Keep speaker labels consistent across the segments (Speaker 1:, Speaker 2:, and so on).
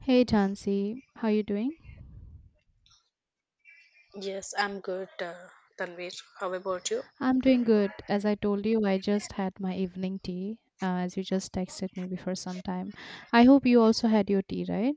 Speaker 1: Hey Jansi, how you doing?
Speaker 2: Yes, I'm good, Tanvir. How about you?
Speaker 1: I'm doing good. As I told you, I just had my evening tea, as you just texted me before some time. I hope you also had your tea, right?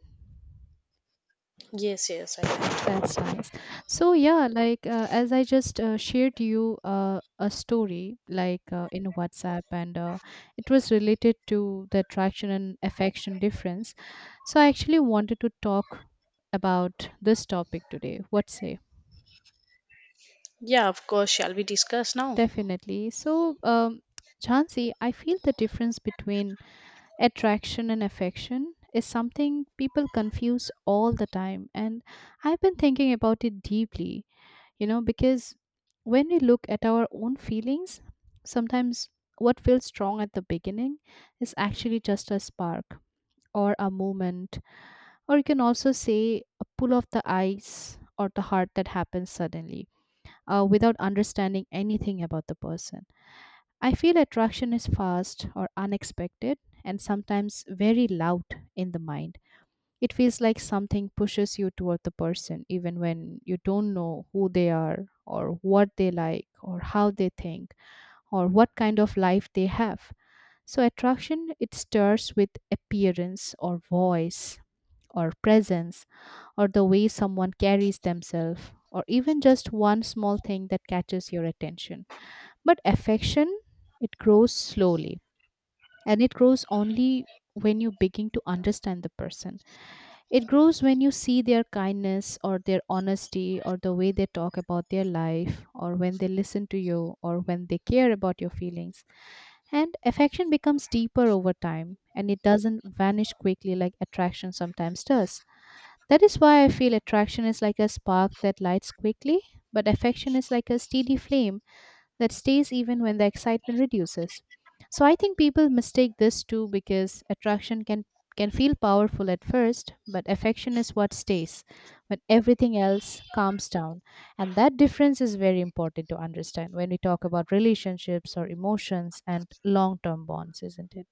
Speaker 2: Yes, yes, I am.
Speaker 1: That's nice. As I just shared you a story in WhatsApp, and it was related to the attraction and affection difference. So I actually wanted to talk about this topic today. What say?
Speaker 2: Yeah, of course. Shall we discuss now?
Speaker 1: Definitely. Jhansi, I feel the difference between attraction and affection is something people confuse all the time. And I've been thinking about it deeply, you know, because when we look at our own feelings, sometimes what feels strong at the beginning is actually just a spark or a moment, or you can also say a pull of the eyes or the heart that happens suddenly without understanding anything about the person. I feel attraction is fast or unexpected and sometimes very loud in the mind. It feels like something pushes you toward the person even when you don't know who they are or what they like or how they think or what kind of life they have. So attraction, it starts with appearance or voice or presence or the way someone carries themselves, or even just one small thing that catches your attention. But affection, it grows slowly, and it grows only when you begin to understand the person. It grows when you see their kindness or their honesty or the way they talk about their life, or when they listen to you, or when they care about your feelings. And affection becomes deeper over time, and it doesn't vanish quickly like attraction sometimes does. That is why I feel attraction is like a spark that lights quickly, but affection is like a steady flame that stays even when the excitement reduces. So I think people mistake this too, because attraction can feel powerful at first, but affection is what stays when everything else calms down. And that difference is very important to understand when we talk about relationships or emotions and long-term bonds, isn't it?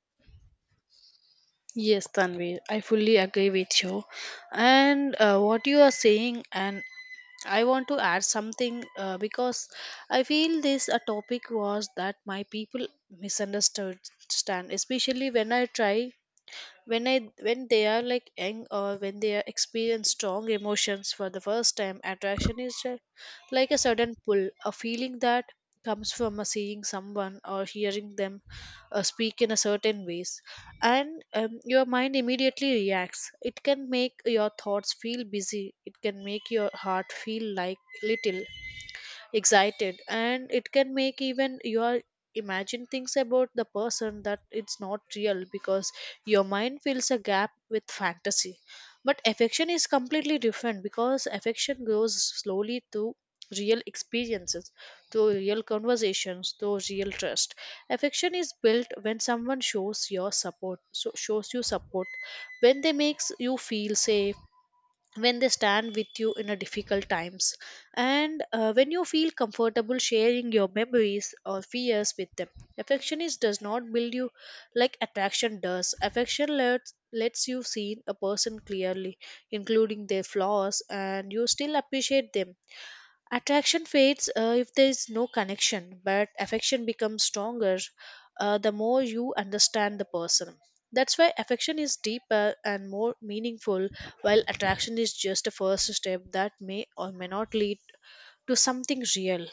Speaker 2: Yes, Tanvir, I fully agree with you. And what you are saying, and I want to add something because I feel this a topic was that my people misunderstood, stand, especially when I try when I when they are like young or when they are experience strong emotions for the first time, attraction is like a sudden pull, a feeling that comes from a seeing someone or hearing them speak in a certain ways. And your mind immediately reacts. It can make your thoughts feel busy, it can make your heart feel like little excited, and it can make even your imagine things about the person that it's not real because your mind fills a gap with fantasy. But affection is completely different because affection grows slowly through real experiences, through real conversations, through real trust. Affection is built when someone shows your support so shows you support, when they makes you feel safe, when they stand with you in a difficult times, and when you feel comfortable sharing your memories or fears with them. Affection is does not build you like attraction does. Affection lets you see a person clearly, including their flaws, and you still appreciate them. Attraction fades if there is no connection, but affection becomes stronger the more you understand the person. That's why affection is deeper and more meaningful, while attraction is just a first step that may or may not lead to something real.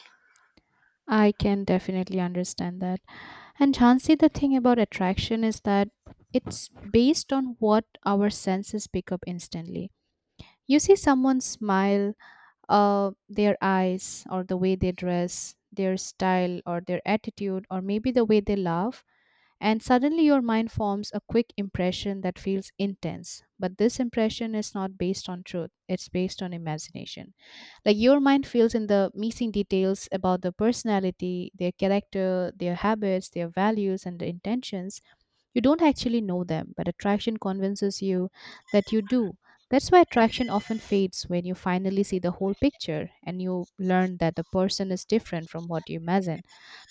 Speaker 1: I can definitely understand that. And Jhansi, the thing about attraction is that it's based on what our senses pick up instantly. You see someone smile, their eyes or the way they dress, their style or their attitude, or maybe the way they laugh. And suddenly your mind forms a quick impression that feels intense. But this impression is not based on truth, it's based on imagination. Like, your mind feels in the missing details about the personality, their character, their habits, their values, and the intentions. You don't actually know them, but attraction convinces you that you do. That's why attraction often fades when you finally see the whole picture and you learn that the person is different from what you imagine.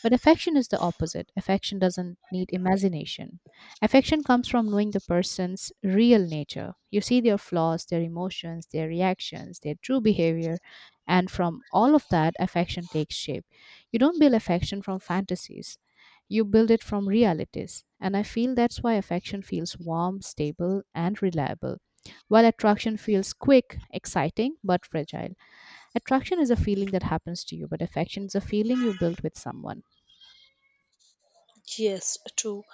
Speaker 1: But affection is the opposite. Affection doesn't need imagination. Affection comes from knowing the person's real nature. You see their flaws, their emotions, their reactions, their true behavior, and from all of that, affection takes shape. You don't build affection from fantasies. You build it from realities. And I feel that's why affection feels warm, stable, and reliable, while attraction feels quick, exciting, but fragile. Attraction is a feeling that happens to you, but affection is a feeling you build with someone.
Speaker 2: Yes, true.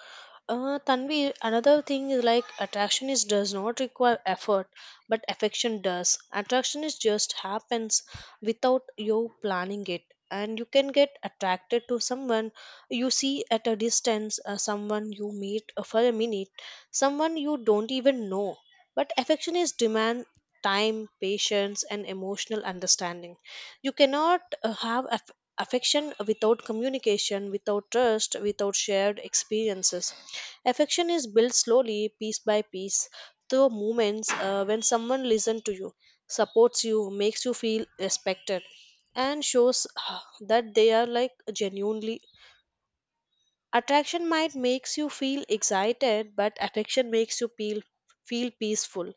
Speaker 2: Tanvi, another thing is like attraction is does not require effort, but affection does. Attraction is just happens without you planning it, and you can get attracted to someone you see at a distance, someone you meet for a minute, someone you don't even know. But affection is demand time, patience, and emotional understanding. You cannot have affection without communication, without trust, without shared experiences. Affection is built slowly piece by piece through moments when someone listens to you, supports you, makes you feel respected, and shows that they are like genuinely. Attraction might makes you feel excited, but affection makes you feel peaceful.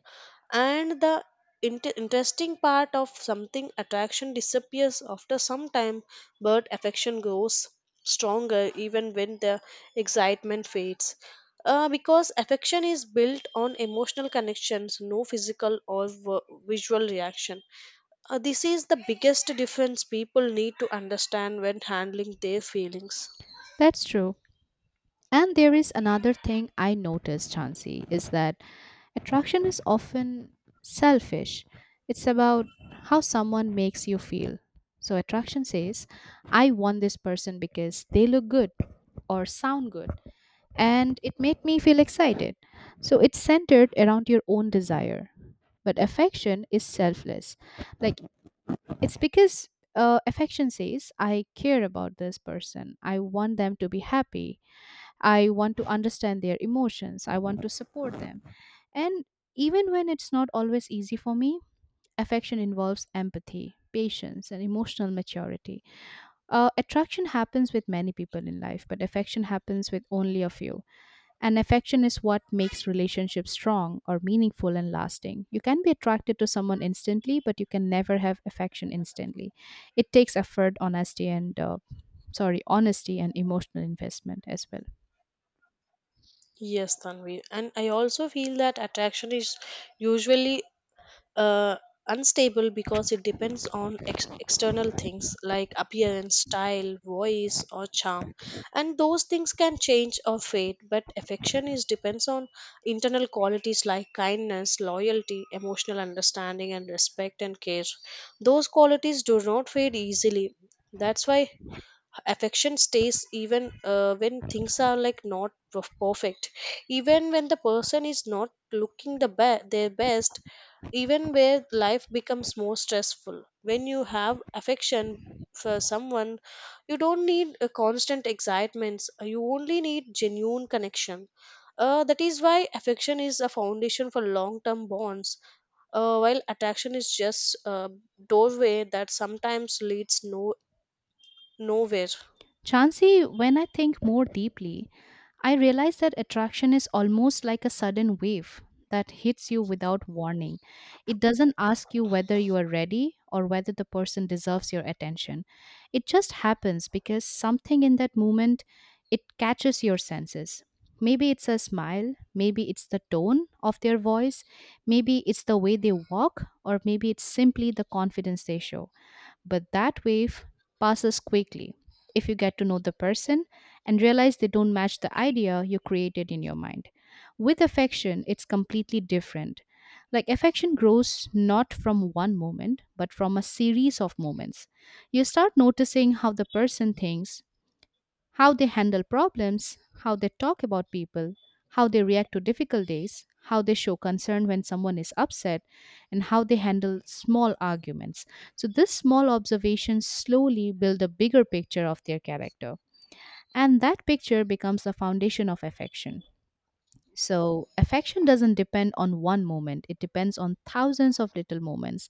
Speaker 2: And the interesting part of something, attraction disappears after some time, but affection grows stronger even when the excitement fades. Because affection is built on emotional connections, no physical or visual reaction. This is the biggest difference people need to understand when handling their feelings.
Speaker 1: That's true. And there is another thing I noticed, Chansey, is that attraction is often selfish. It's about how someone makes you feel. So attraction says, I want this person because they look good or sound good and it made me feel excited. So it's centered around your own desire. But affection is selfless. Like it's because affection says, I care about this person. I want them to be happy. I want to understand their emotions. I want to support them. And even when it's not always easy for me, affection involves empathy, patience, and emotional maturity. Attraction happens with many people in life, but affection happens with only a few. And affection is what makes relationships strong or meaningful and lasting. You can be attracted to someone instantly, but you can never have affection instantly. It takes effort, honesty, and honesty and emotional investment as well.
Speaker 2: Yes, Tanvi. And I also feel that attraction is usually uh, unstable because it depends on external things like appearance, style, voice, or charm. And those things can change or fade, but affection is depends on internal qualities like kindness, loyalty, emotional understanding, and respect and care. Those qualities do not fade easily. That's why affection stays even when things are like not perfect, even when the person is not looking the their best, even where life becomes more stressful. When you have affection for someone, you don't need a constant excitements. You only need genuine connection, that is why affection is a foundation for long term bonds, while attraction is just a doorway that sometimes leads no nowhere.
Speaker 1: Chancy, when I think more deeply, I realize that attraction is almost like a sudden wave that hits you without warning. It doesn't ask you whether you are ready or whether the person deserves your attention. It just happens because something in that moment, it catches your senses. Maybe it's a smile, maybe it's the tone of their voice, maybe it's the way they walk, or maybe it's simply the confidence they show. But that wave passes quickly if you get to know the person and realize they don't match the idea you created in your mind. With affection, it's completely different. Like, affection grows not from one moment, but from a series of moments. You start noticing how the person thinks, how they handle problems, how they talk about people, how they react to difficult days, how they show concern when someone is upset, and how they handle small arguments. So, these small observations slowly build a bigger picture of their character, and that picture becomes the foundation of affection. So, affection doesn't depend on one moment, it depends on thousands of little moments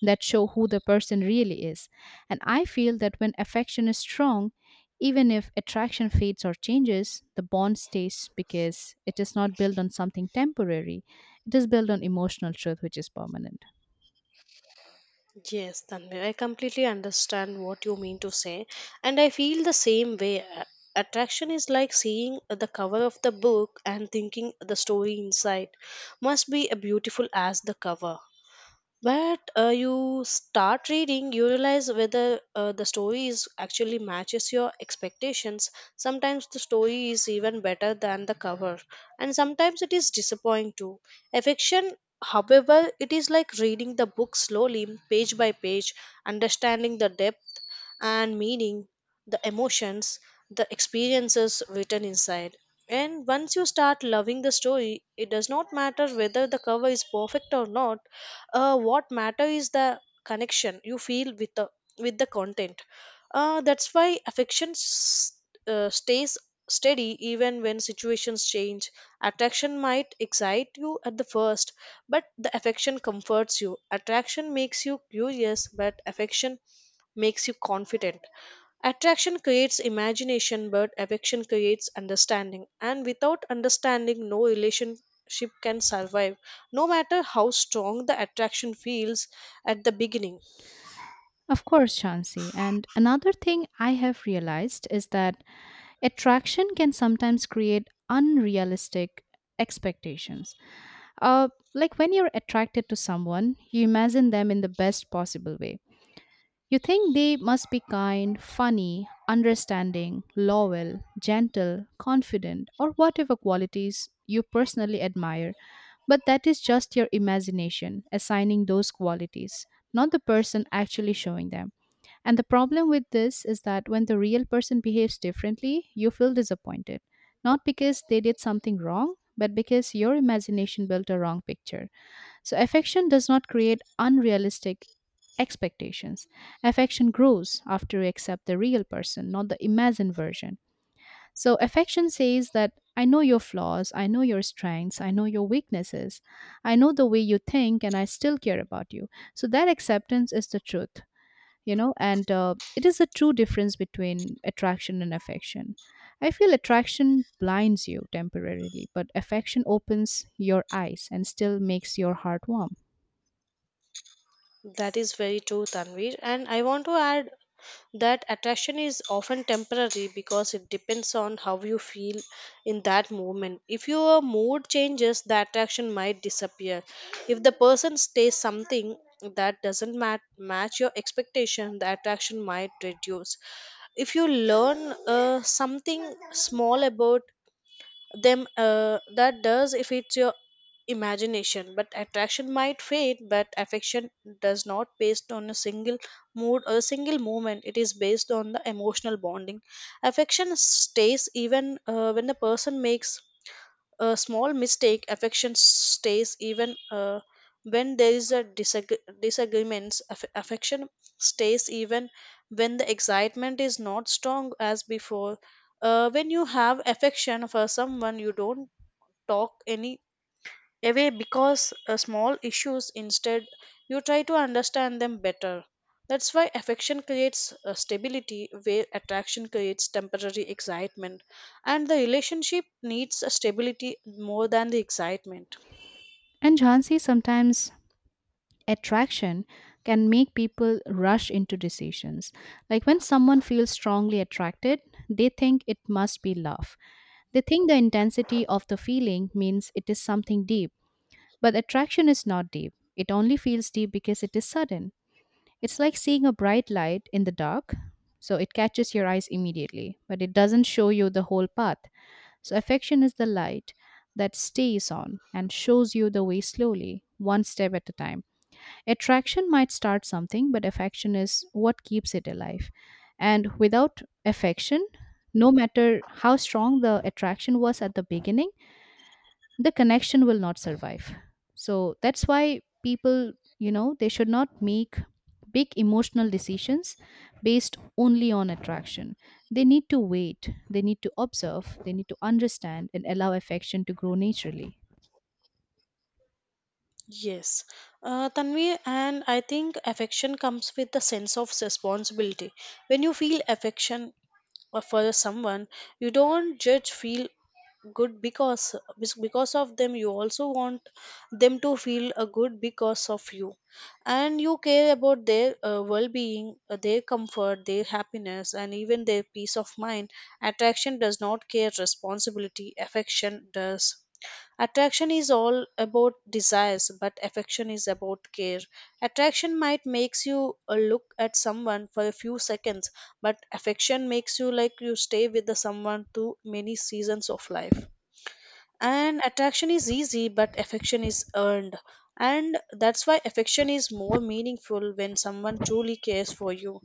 Speaker 1: that show who the person really is. And I feel that when affection is strong, even if attraction fades or changes, the bond stays because it is not built on something temporary, it is built on emotional truth, which is permanent.
Speaker 2: Yes, Tanvi, I completely understand what you mean to say, and I feel the same way. Attraction is like seeing the cover of the book and thinking the story inside must be as beautiful as the cover. But you start reading, you realize whether the story is actually matches your expectations. Sometimes the story is even better than the cover, and sometimes it is disappointing too. Affection, however, it is like reading the book slowly, page by page, understanding the depth and meaning, the emotions, the experiences written inside. And once you start loving the story, it does not matter whether the cover is perfect or not. What matter is the connection you feel with the content. That's why affection stays steady even when situations change. Attraction might excite you at the first, but the affection comforts you. Attraction makes you curious, but affection makes you confident. Attraction creates imagination, but affection creates understanding. And without understanding, no relationship can survive, no matter how strong the attraction feels at the beginning.
Speaker 1: Of course, Chauncey. And another thing I have realized is that attraction can sometimes create unrealistic expectations. Uh, like when you're attracted to someone, you imagine them in the best possible way. You think they must be kind, funny, understanding, loyal, gentle, confident, or whatever qualities you personally admire. But that is just your imagination assigning those qualities, not the person actually showing them. And the problem with this is that when the real person behaves differently, you feel disappointed. Not because they did something wrong, but because your imagination built a wrong picture. So, affection does not create unrealistic expectations. Affection grows after you accept the real person, not the imagined version. So, affection says that I know your flaws, I know your strengths, I know your weaknesses, I know the way you think, and I still care about you. So, that acceptance is the truth. You know, and it is the true difference between attraction and affection. I feel attraction blinds you temporarily, but affection opens your eyes and still makes your heart warm.
Speaker 2: That is very true, Tanvir. And I want to add that attraction is often temporary because it depends on how you feel in that moment. If your mood changes, the attraction might disappear. If the person stays something that doesn't match your expectation, the attraction might reduce. If you learn something small about them that does, if it's your imagination, but attraction might fade. But affection does not based on a single mood or a single moment, it is based on the emotional bonding. Affection stays even when the person makes a small mistake, affection stays even when there is a disagreements. Affection stays even when the excitement is not strong as before. When you have affection for someone, you don't talk any away because small issues. Instead, you try to understand them better. That's why affection creates stability where attraction creates temporary excitement, and the relationship needs a stability more than the excitement.
Speaker 1: And Jhansi, sometimes attraction can make people rush into decisions. Like, when someone feels strongly attracted, they think it must be love. They think the intensity of the feeling means it is something deep. But attraction is not deep. It only feels deep because it is sudden. It's like seeing a bright light in the dark. So it catches your eyes immediately, but it doesn't show you the whole path. So affection is the light that stays on and shows you the way slowly, one step at a time. Attraction might start something, but affection is what keeps it alive. And without affection, no matter how strong the attraction was at the beginning, the connection will not survive. So that's why people, you know, they should not make big emotional decisions based only on attraction. They need to wait, they need to observe, they need to understand and allow affection to grow naturally.
Speaker 2: Yes, Tanvi, and I think affection comes with a sense of responsibility. When you feel affection or for someone, you don't judge feel good because of them. You also want them to feel good because of you, and you care about their well-being, their comfort, their happiness, and even their peace of mind. Attraction does not care responsibility, affection does. Attraction is all about desires, but affection is about care. Attraction might makes you look at someone for a few seconds, but affection makes you like you stay with the someone through many seasons of life. And attraction is easy, but affection is earned, and that's why affection is more meaningful. When someone truly cares for you,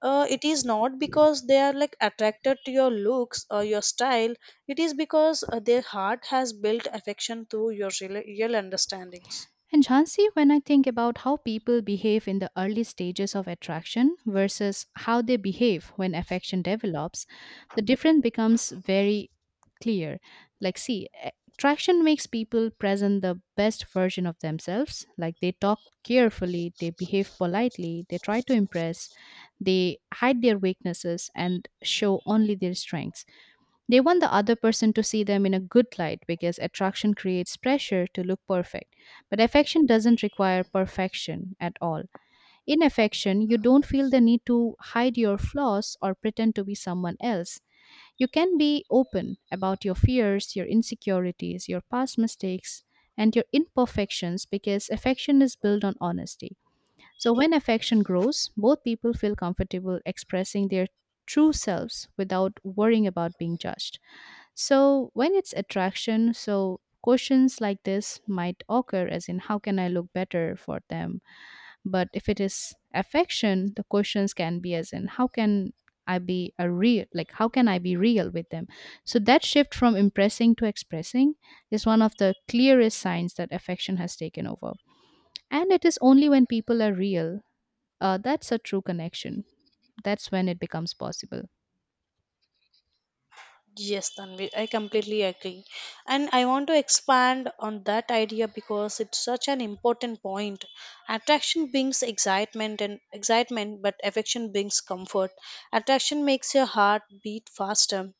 Speaker 2: it is not because they are like attracted to your looks or your style, it is because their heart has built affection through your real understandings.
Speaker 1: And Jhansi, when I think about how people behave in the early stages of attraction versus how they behave when affection develops, the difference becomes very clear. Like, see, attraction makes people present the best version of themselves. Like, they talk carefully, they behave politely, they try to impress, they hide their weaknesses and show only their strengths. They want the other person to see them in a good light because attraction creates pressure to look perfect. But affection doesn't require perfection at all. In affection, you don't feel the need to hide your flaws or pretend to be someone else. You can be open about your fears, your insecurities, your past mistakes, and your imperfections because affection is built on honesty. So, when affection grows, both people feel comfortable expressing their true selves without worrying about being judged. So, when it's attraction, so questions like this might occur, as in, how can I look better for them? But if it is affection, the questions can be, as in, how can I be real with them? So, that shift from impressing to expressing is one of the clearest signs that affection has taken over. And it is only when people are real that's a true connection. That's when it becomes possible.
Speaker 2: Yes, Tanvi, I completely agree. And I want to expand on that idea because it's such an important point. Attraction brings excitement, but affection brings comfort. Attraction makes your heart beat faster,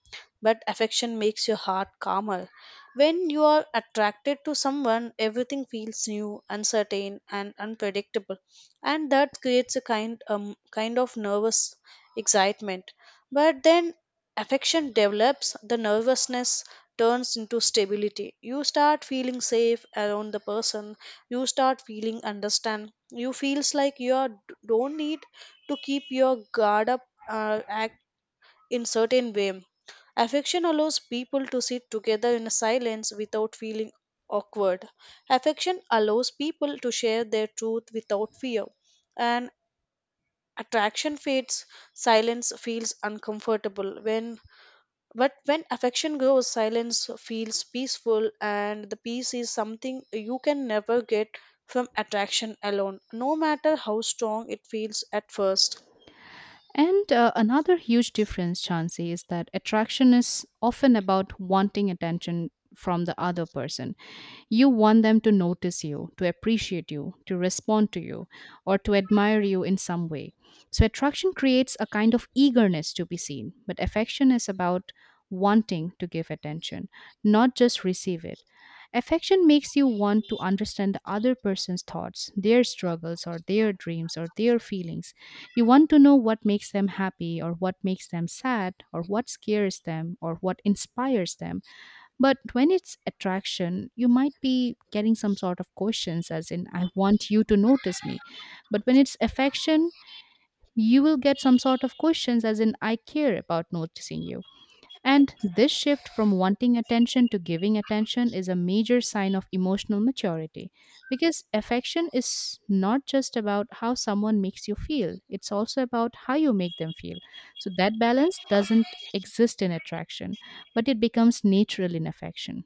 Speaker 2: but affection makes your heart calmer. When you are attracted to someone, everything feels new, uncertain, and unpredictable, and that creates a kind of nervous excitement. But then affection develops, the nervousness turns into stability. You start feeling safe around the person. You start feeling understand. You feels like don't need to keep your guard up, act in certain way. Affection allows people to sit together in silence without feeling awkward. Affection allows people to share their truth without fear. And attraction fades, silence feels uncomfortable when, but when affection grows, silence feels peaceful, and the peace is something you can never get from attraction alone, no matter how strong it feels at first.
Speaker 1: And Another huge difference, Chansey, is that attraction is often about wanting attention from the other person. You want them to notice you, to appreciate you, to respond to you, or to admire you in some way. So, attraction creates a kind of eagerness to be seen, but affection is about wanting to give attention, not just receive it. Affection makes you want to understand the other person's thoughts, their struggles, or their dreams, or their feelings. You want to know what makes them happy or what makes them sad or what scares them or what inspires them. But when it's attraction, you might be getting some sort of questions, as in, I want you to notice me. But when it's affection, you will get some sort of questions, as in, I care about noticing you. And this shift from wanting attention to giving attention is a major sign of emotional maturity because affection is not just about how someone makes you feel, it's also about how you make them feel. So that balance doesn't exist in attraction, but it becomes natural in affection.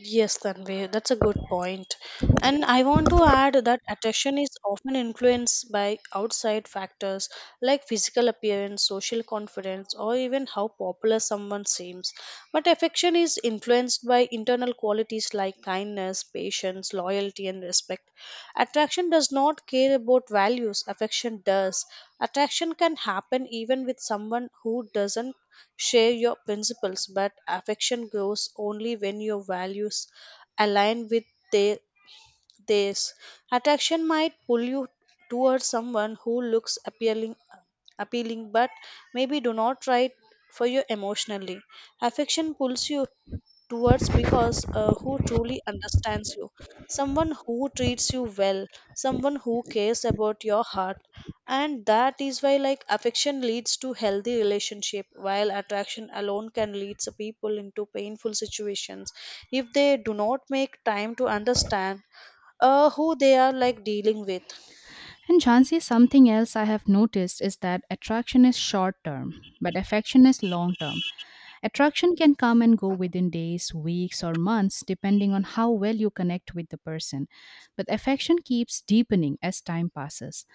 Speaker 2: Yes, Tanvi, that's a good point. And I want to add that attraction is often influenced by outside factors like physical appearance, social confidence, or even how popular someone seems. But affection is influenced by internal qualities like kindness, patience, loyalty, and respect. Attraction does not care about values, affection does. Attraction can happen even with someone who doesn't share your principles, but affection grows only when your values align with their this. Attraction might pull you towards someone who looks appealing, but maybe do not try for you emotionally. Affection pulls you towards because who truly understands you, someone who treats you well, someone who cares about your heart. And that is why like affection leads to healthy relationship, while attraction alone can lead the people into painful situations if they do not make time to understand who they are like dealing with.
Speaker 1: And Jhansi, something else I have noticed is that attraction is short term, but affection is long term. Attraction can come and go within days, weeks, or months, depending on how well you connect with the person. But affection keeps deepening as time passes.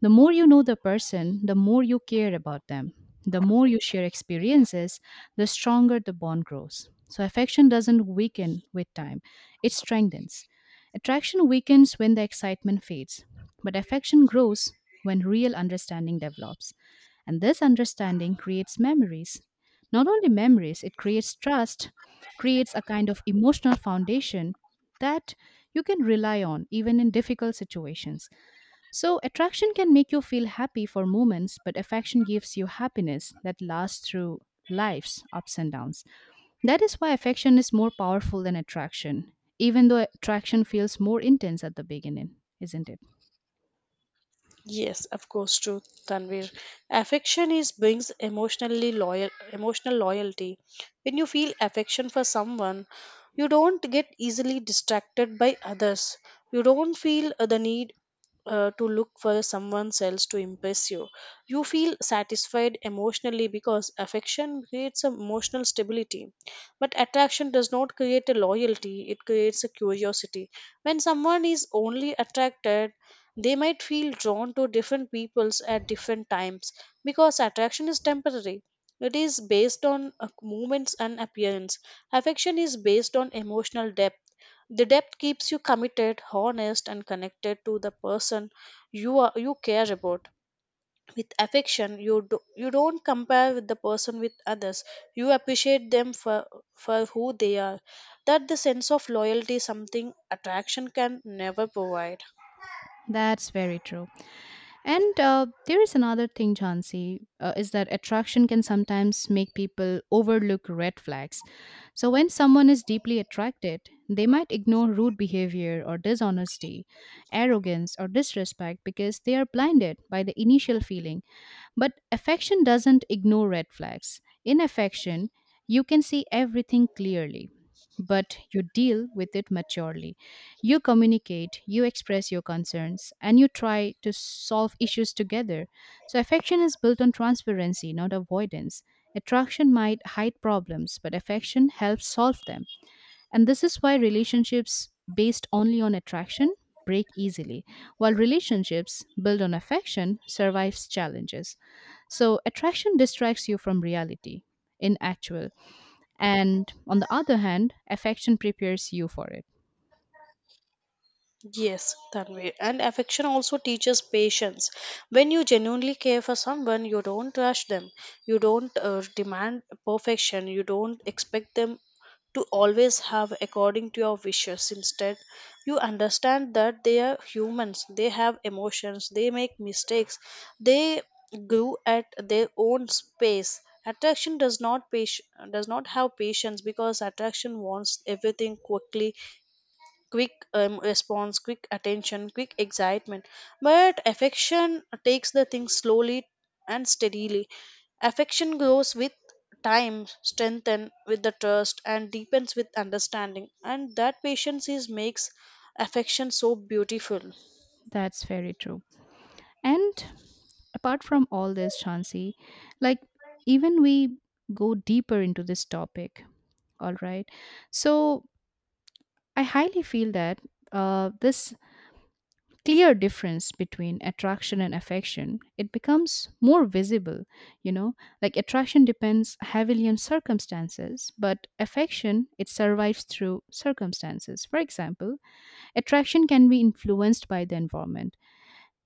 Speaker 1: The more you know the person, the more you care about them. The more you share experiences, the stronger the bond grows. So, affection doesn't weaken with time, it strengthens. Attraction weakens when the excitement fades, but affection grows when real understanding develops. And this understanding creates memories. Not only memories, it creates trust, creates a kind of emotional foundation that you can rely on even in difficult situations. So, attraction can make you feel happy for moments, but affection gives you happiness that lasts through life's ups and downs. That is why affection is more powerful than attraction, even though attraction feels more intense at the beginning, isn't it?
Speaker 2: Yes, of course, true, Tanvir. Affection is brings emotional loyalty. When you feel affection for someone, you don't get easily distracted by others. You don't feel the need to look for someone else to impress you. You feel satisfied emotionally because affection creates a emotional stability. But attraction does not create a loyalty, it creates a curiosity. When someone is only attracted, they might feel drawn to different peoples at different times because attraction is temporary. It is based on movements and appearance. Affection is based on emotional depth. The depth keeps you committed, honest, and connected to the person you care about. With affection, you don't compare with the person with others. You appreciate them for who they are. That the sense of loyalty, is something attraction can never provide.
Speaker 1: That's very true. And There is another thing, Jansi, is that attraction can sometimes make people overlook red flags. So when someone is deeply attracted, they might ignore rude behavior or dishonesty, arrogance or disrespect because they are blinded by the initial feeling. But affection doesn't ignore red flags. In affection, you can see everything clearly, but you deal with it maturely. You communicate, you express your concerns, and you try to solve issues together. So, affection is built on transparency, not avoidance. Attraction might hide problems, but affection helps solve them. And this is why relationships based only on attraction break easily, while relationships built on affection survives challenges. So attraction distracts you from reality in actual. And on the other hand, affection prepares you for it.
Speaker 2: Yes, Tanvi. And affection also teaches patience. When you genuinely care for someone, you don't rush them. You don't demand perfection. You don't expect them to always have according to your wishes. Instead, you understand that they are humans. They have emotions. They make mistakes. They grew at their own space. Attraction does not does not have patience because attraction wants everything quickly. Quick response, quick attention, quick excitement. But affection takes the thing slowly and steadily. Affection grows with time, strengthen with the trust, and deepens with understanding. And that patience is makes affection so beautiful.
Speaker 1: That's very true. And apart from all this, Chansi, like even we go deeper into this topic, all right? So I highly feel that this clear difference between attraction and affection, it becomes more visible, you know like attraction depends heavily on circumstances, but affection, it survives through circumstances. For example, attraction can be influenced by the environment.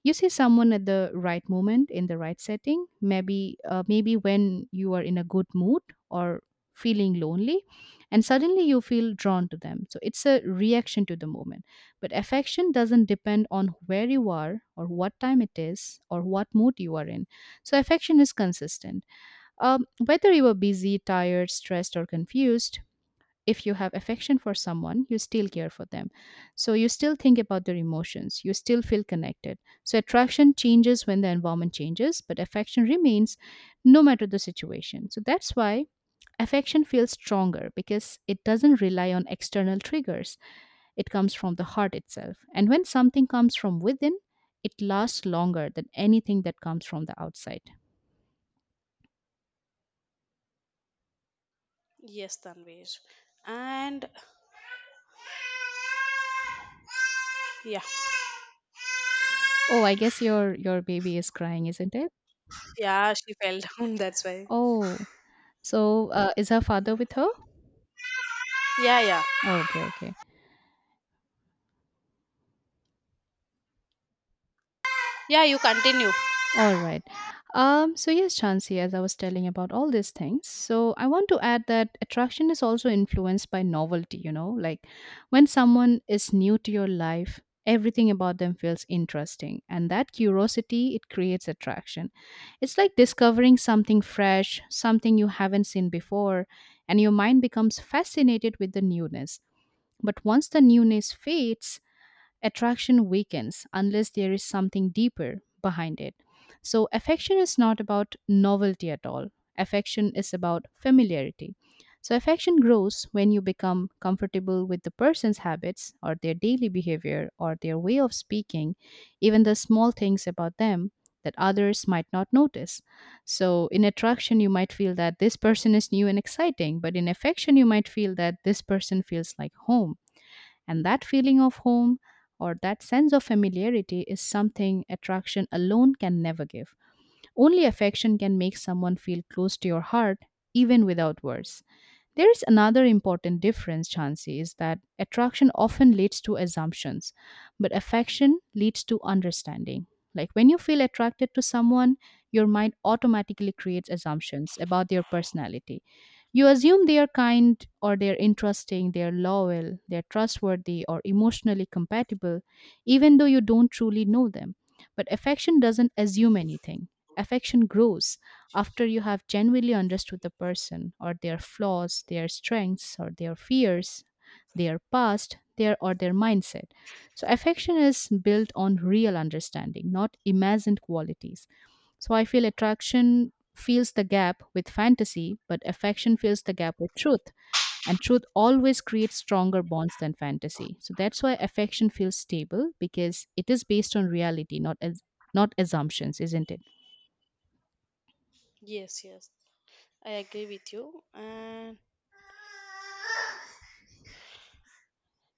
Speaker 1: You see someone at the right moment in the right setting, maybe maybe when you are in a good mood or feeling lonely, and suddenly you feel drawn to them, so it's a reaction to the moment. But affection doesn't depend on where you are or what time it is or what mood you are in. So affection is consistent, whether you are busy, tired, stressed, or confused. If you have affection for someone, you still care for them. So you still think about their emotions, you still feel connected. So attraction changes when the environment changes, but affection remains no matter the situation. So that's why affection feels stronger, because it doesn't rely on external triggers. It comes from the heart itself, and when something comes from within, it lasts longer than anything that comes from the outside.
Speaker 2: Yes, Tanvir. And yeah.
Speaker 1: Oh, I guess your baby is crying, isn't it?
Speaker 2: Yeah, she fell down. That's why.
Speaker 1: Oh, so is her father with her?
Speaker 2: Yeah, yeah.
Speaker 1: Oh, okay, okay.
Speaker 2: Yeah, you continue.
Speaker 1: All right. So yes, Chansi, as I was telling about all these things, so I want to add that attraction is also influenced by novelty, like when someone is new to your life, everything about them feels interesting, and that curiosity, it creates attraction. It's like discovering something fresh, something you haven't seen before, and your mind becomes fascinated with the newness. But once the newness fades, attraction weakens unless there is something deeper behind it. So, affection is not about novelty at all. Affection is about familiarity. So, affection grows when you become comfortable with the person's habits or their daily behavior or their way of speaking, even the small things about them that others might not notice. So, in attraction, you might feel that this person is new and exciting, but in affection, you might feel that this person feels like home, and that feeling of home or that sense of familiarity is something attraction alone can never give. Only affection can make someone feel close to your heart, even without words. There is another important difference, Chansey, is that attraction often leads to assumptions, but affection leads to understanding. Like when you feel attracted to someone, your mind automatically creates assumptions about their personality. You assume they are kind or they're interesting, they're loyal, they're trustworthy, or emotionally compatible, even though you don't truly know them. But affection doesn't assume anything. Affection grows after you have genuinely understood the person or their flaws, their strengths or their fears, their past, their or their mindset. So affection is built on real understanding, not imagined qualities. So I feel attraction fills the gap with fantasy, but affection fills the gap with truth, and truth always creates stronger bonds than fantasy. So that's why affection feels stable, because it is based on reality, not as not assumptions, isn't it?
Speaker 2: Yes, yes. I agree with you. And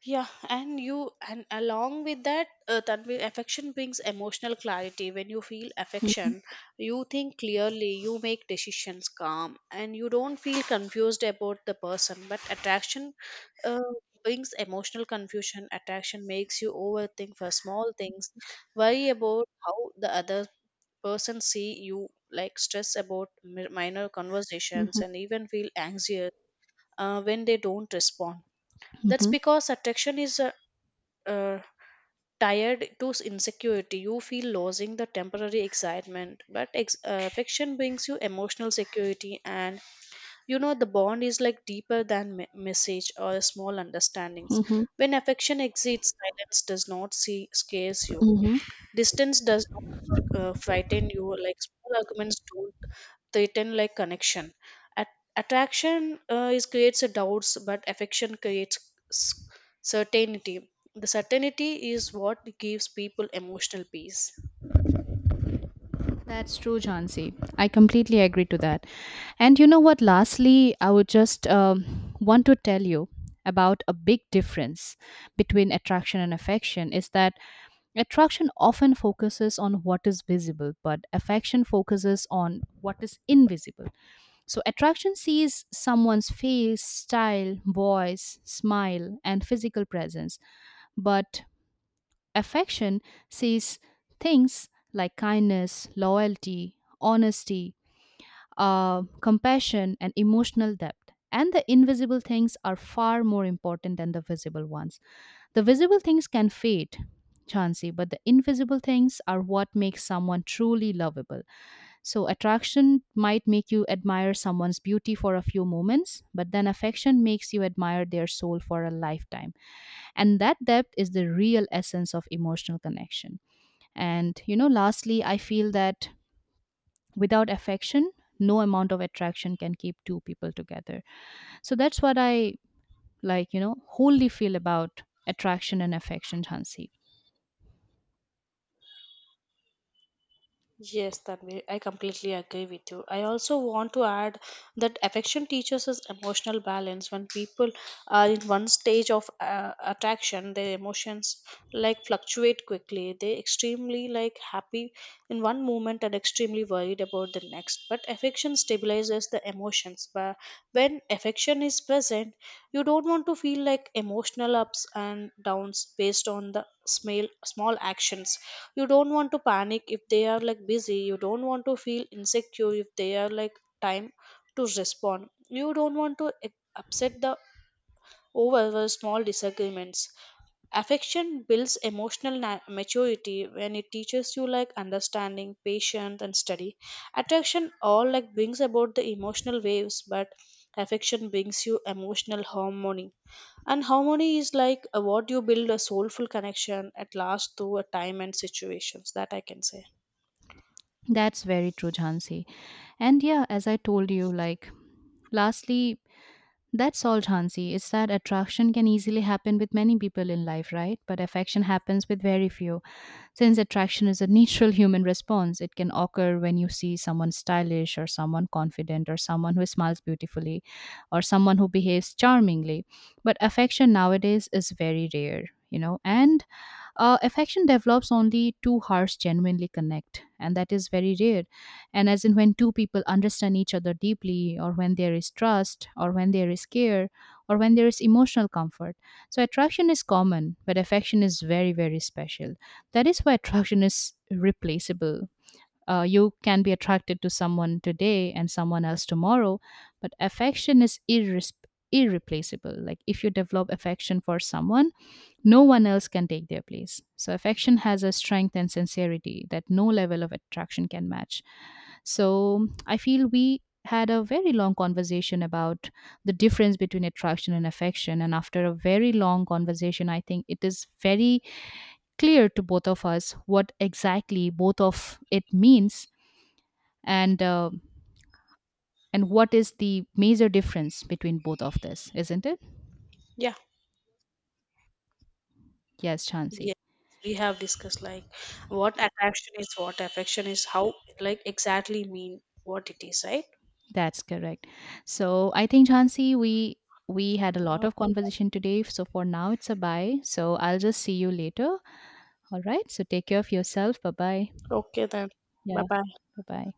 Speaker 2: yeah, and you and along with that, Tanvi, affection brings emotional clarity. When you feel
Speaker 1: Mhm,
Speaker 2: affection, you think clearly, you make decisions calm, and you don't feel confused about the person. But attraction uh, brings emotional confusion. Attraction makes you overthink for small things, worry about how the other person see you, like stress about minor conversations,
Speaker 1: mhm,
Speaker 2: and even feel anxious when they don't respond. That's
Speaker 1: mhm.
Speaker 2: because attraction is uh, tied to insecurity. You feel losing the temporary excitement, but fiction brings you emotional security, and you know the bond is like deeper than message or small understandings.
Speaker 1: Mm-hmm.
Speaker 2: When affection exceeds, silence does not see scares you.
Speaker 1: Mm-hmm.
Speaker 2: Distance does not frighten you. Like small arguments don't threaten like connection. Attraction is creates a doubts, but affection creates s- certainty. The certainty is what gives people emotional peace.
Speaker 1: That's true, Jansi. I completely agree to that. And you know what? Lastly, I would just want to tell you about a big difference between attraction and affection is that attraction often focuses on what is visible, but affection focuses on what is invisible. So, attraction sees someone's face, style, voice, smile, and physical presence, but affection sees things like kindness, loyalty, honesty, compassion, and emotional depth. And the invisible things are far more important than the visible ones. The visible things can fade, Chansey, but the invisible things are what makes someone truly lovable. So, attraction might make you admire someone's beauty for a few moments, but then affection makes you admire their soul for a lifetime. And that depth is the real essence of emotional connection. And, you know, lastly, I feel that without affection, no amount of attraction can keep two people together. So that's what I like, you know, wholly feel about attraction and affection, Hansi.
Speaker 2: Yes, Tanvi, I completely agree with you. I also want to add that affection teaches us emotional balance. When people are in one stage of attraction, their emotions like fluctuate quickly. They extremely like happy in one moment and extremely worried about the next. But affection stabilizes the emotions. But when affection is present, you don't want to feel like emotional ups and downs based on the small small actions. You don't want to panic if they are like busy, you don't want to feel insecure if they are like time to respond, you don't want to upset the over small disagreements. Affection builds emotional maturity when it teaches you like understanding, patience, and study. Attraction all like brings about the emotional waves, but affection brings you emotional harmony, and harmony is like what you build a soulful connection at last through a time and situations, that I can say.
Speaker 1: That's very true, Jhansi. And yeah, as I told you, like, lastly, that's all, Jhansi, is that attraction can easily happen with many people in life, right? But affection happens with very few. Since attraction is a natural human response, it can occur when you see someone stylish or someone confident or someone who smiles beautifully or someone who behaves charmingly. But affection nowadays is very rare, you know, and affection develops only two hearts genuinely connect, and that is very rare, and as in when two people understand each other deeply or when there is trust or when there is care or when there is emotional comfort. So attraction is common, but affection is very very special. That is why attraction is replaceable. You can be attracted to someone today and someone else tomorrow, but affection is irreplaceable. Like if you develop affection for someone, no one else can take their place. So, affection has a strength and sincerity that no level of attraction can match. So, I feel we had a very long conversation about the difference between attraction and affection. And after a very long conversation, I think it is very clear to both of us what exactly both of it means, and uh, and what is the major difference between both of this, isn't it?
Speaker 2: Yeah,
Speaker 1: Yes, Chansey.
Speaker 2: yes, we have discussed like what attraction is, what affection is, how like exactly mean what it is, right?
Speaker 1: That's correct. So I think Chansey, we had a lot of
Speaker 2: Okay
Speaker 1: conversation today. So for now it's a bye. So I'll just see you later. All right. So take care of yourself. Bye bye.
Speaker 2: then. Okay then. Bye
Speaker 1: Yeah.
Speaker 2: bye.
Speaker 1: Bye bye.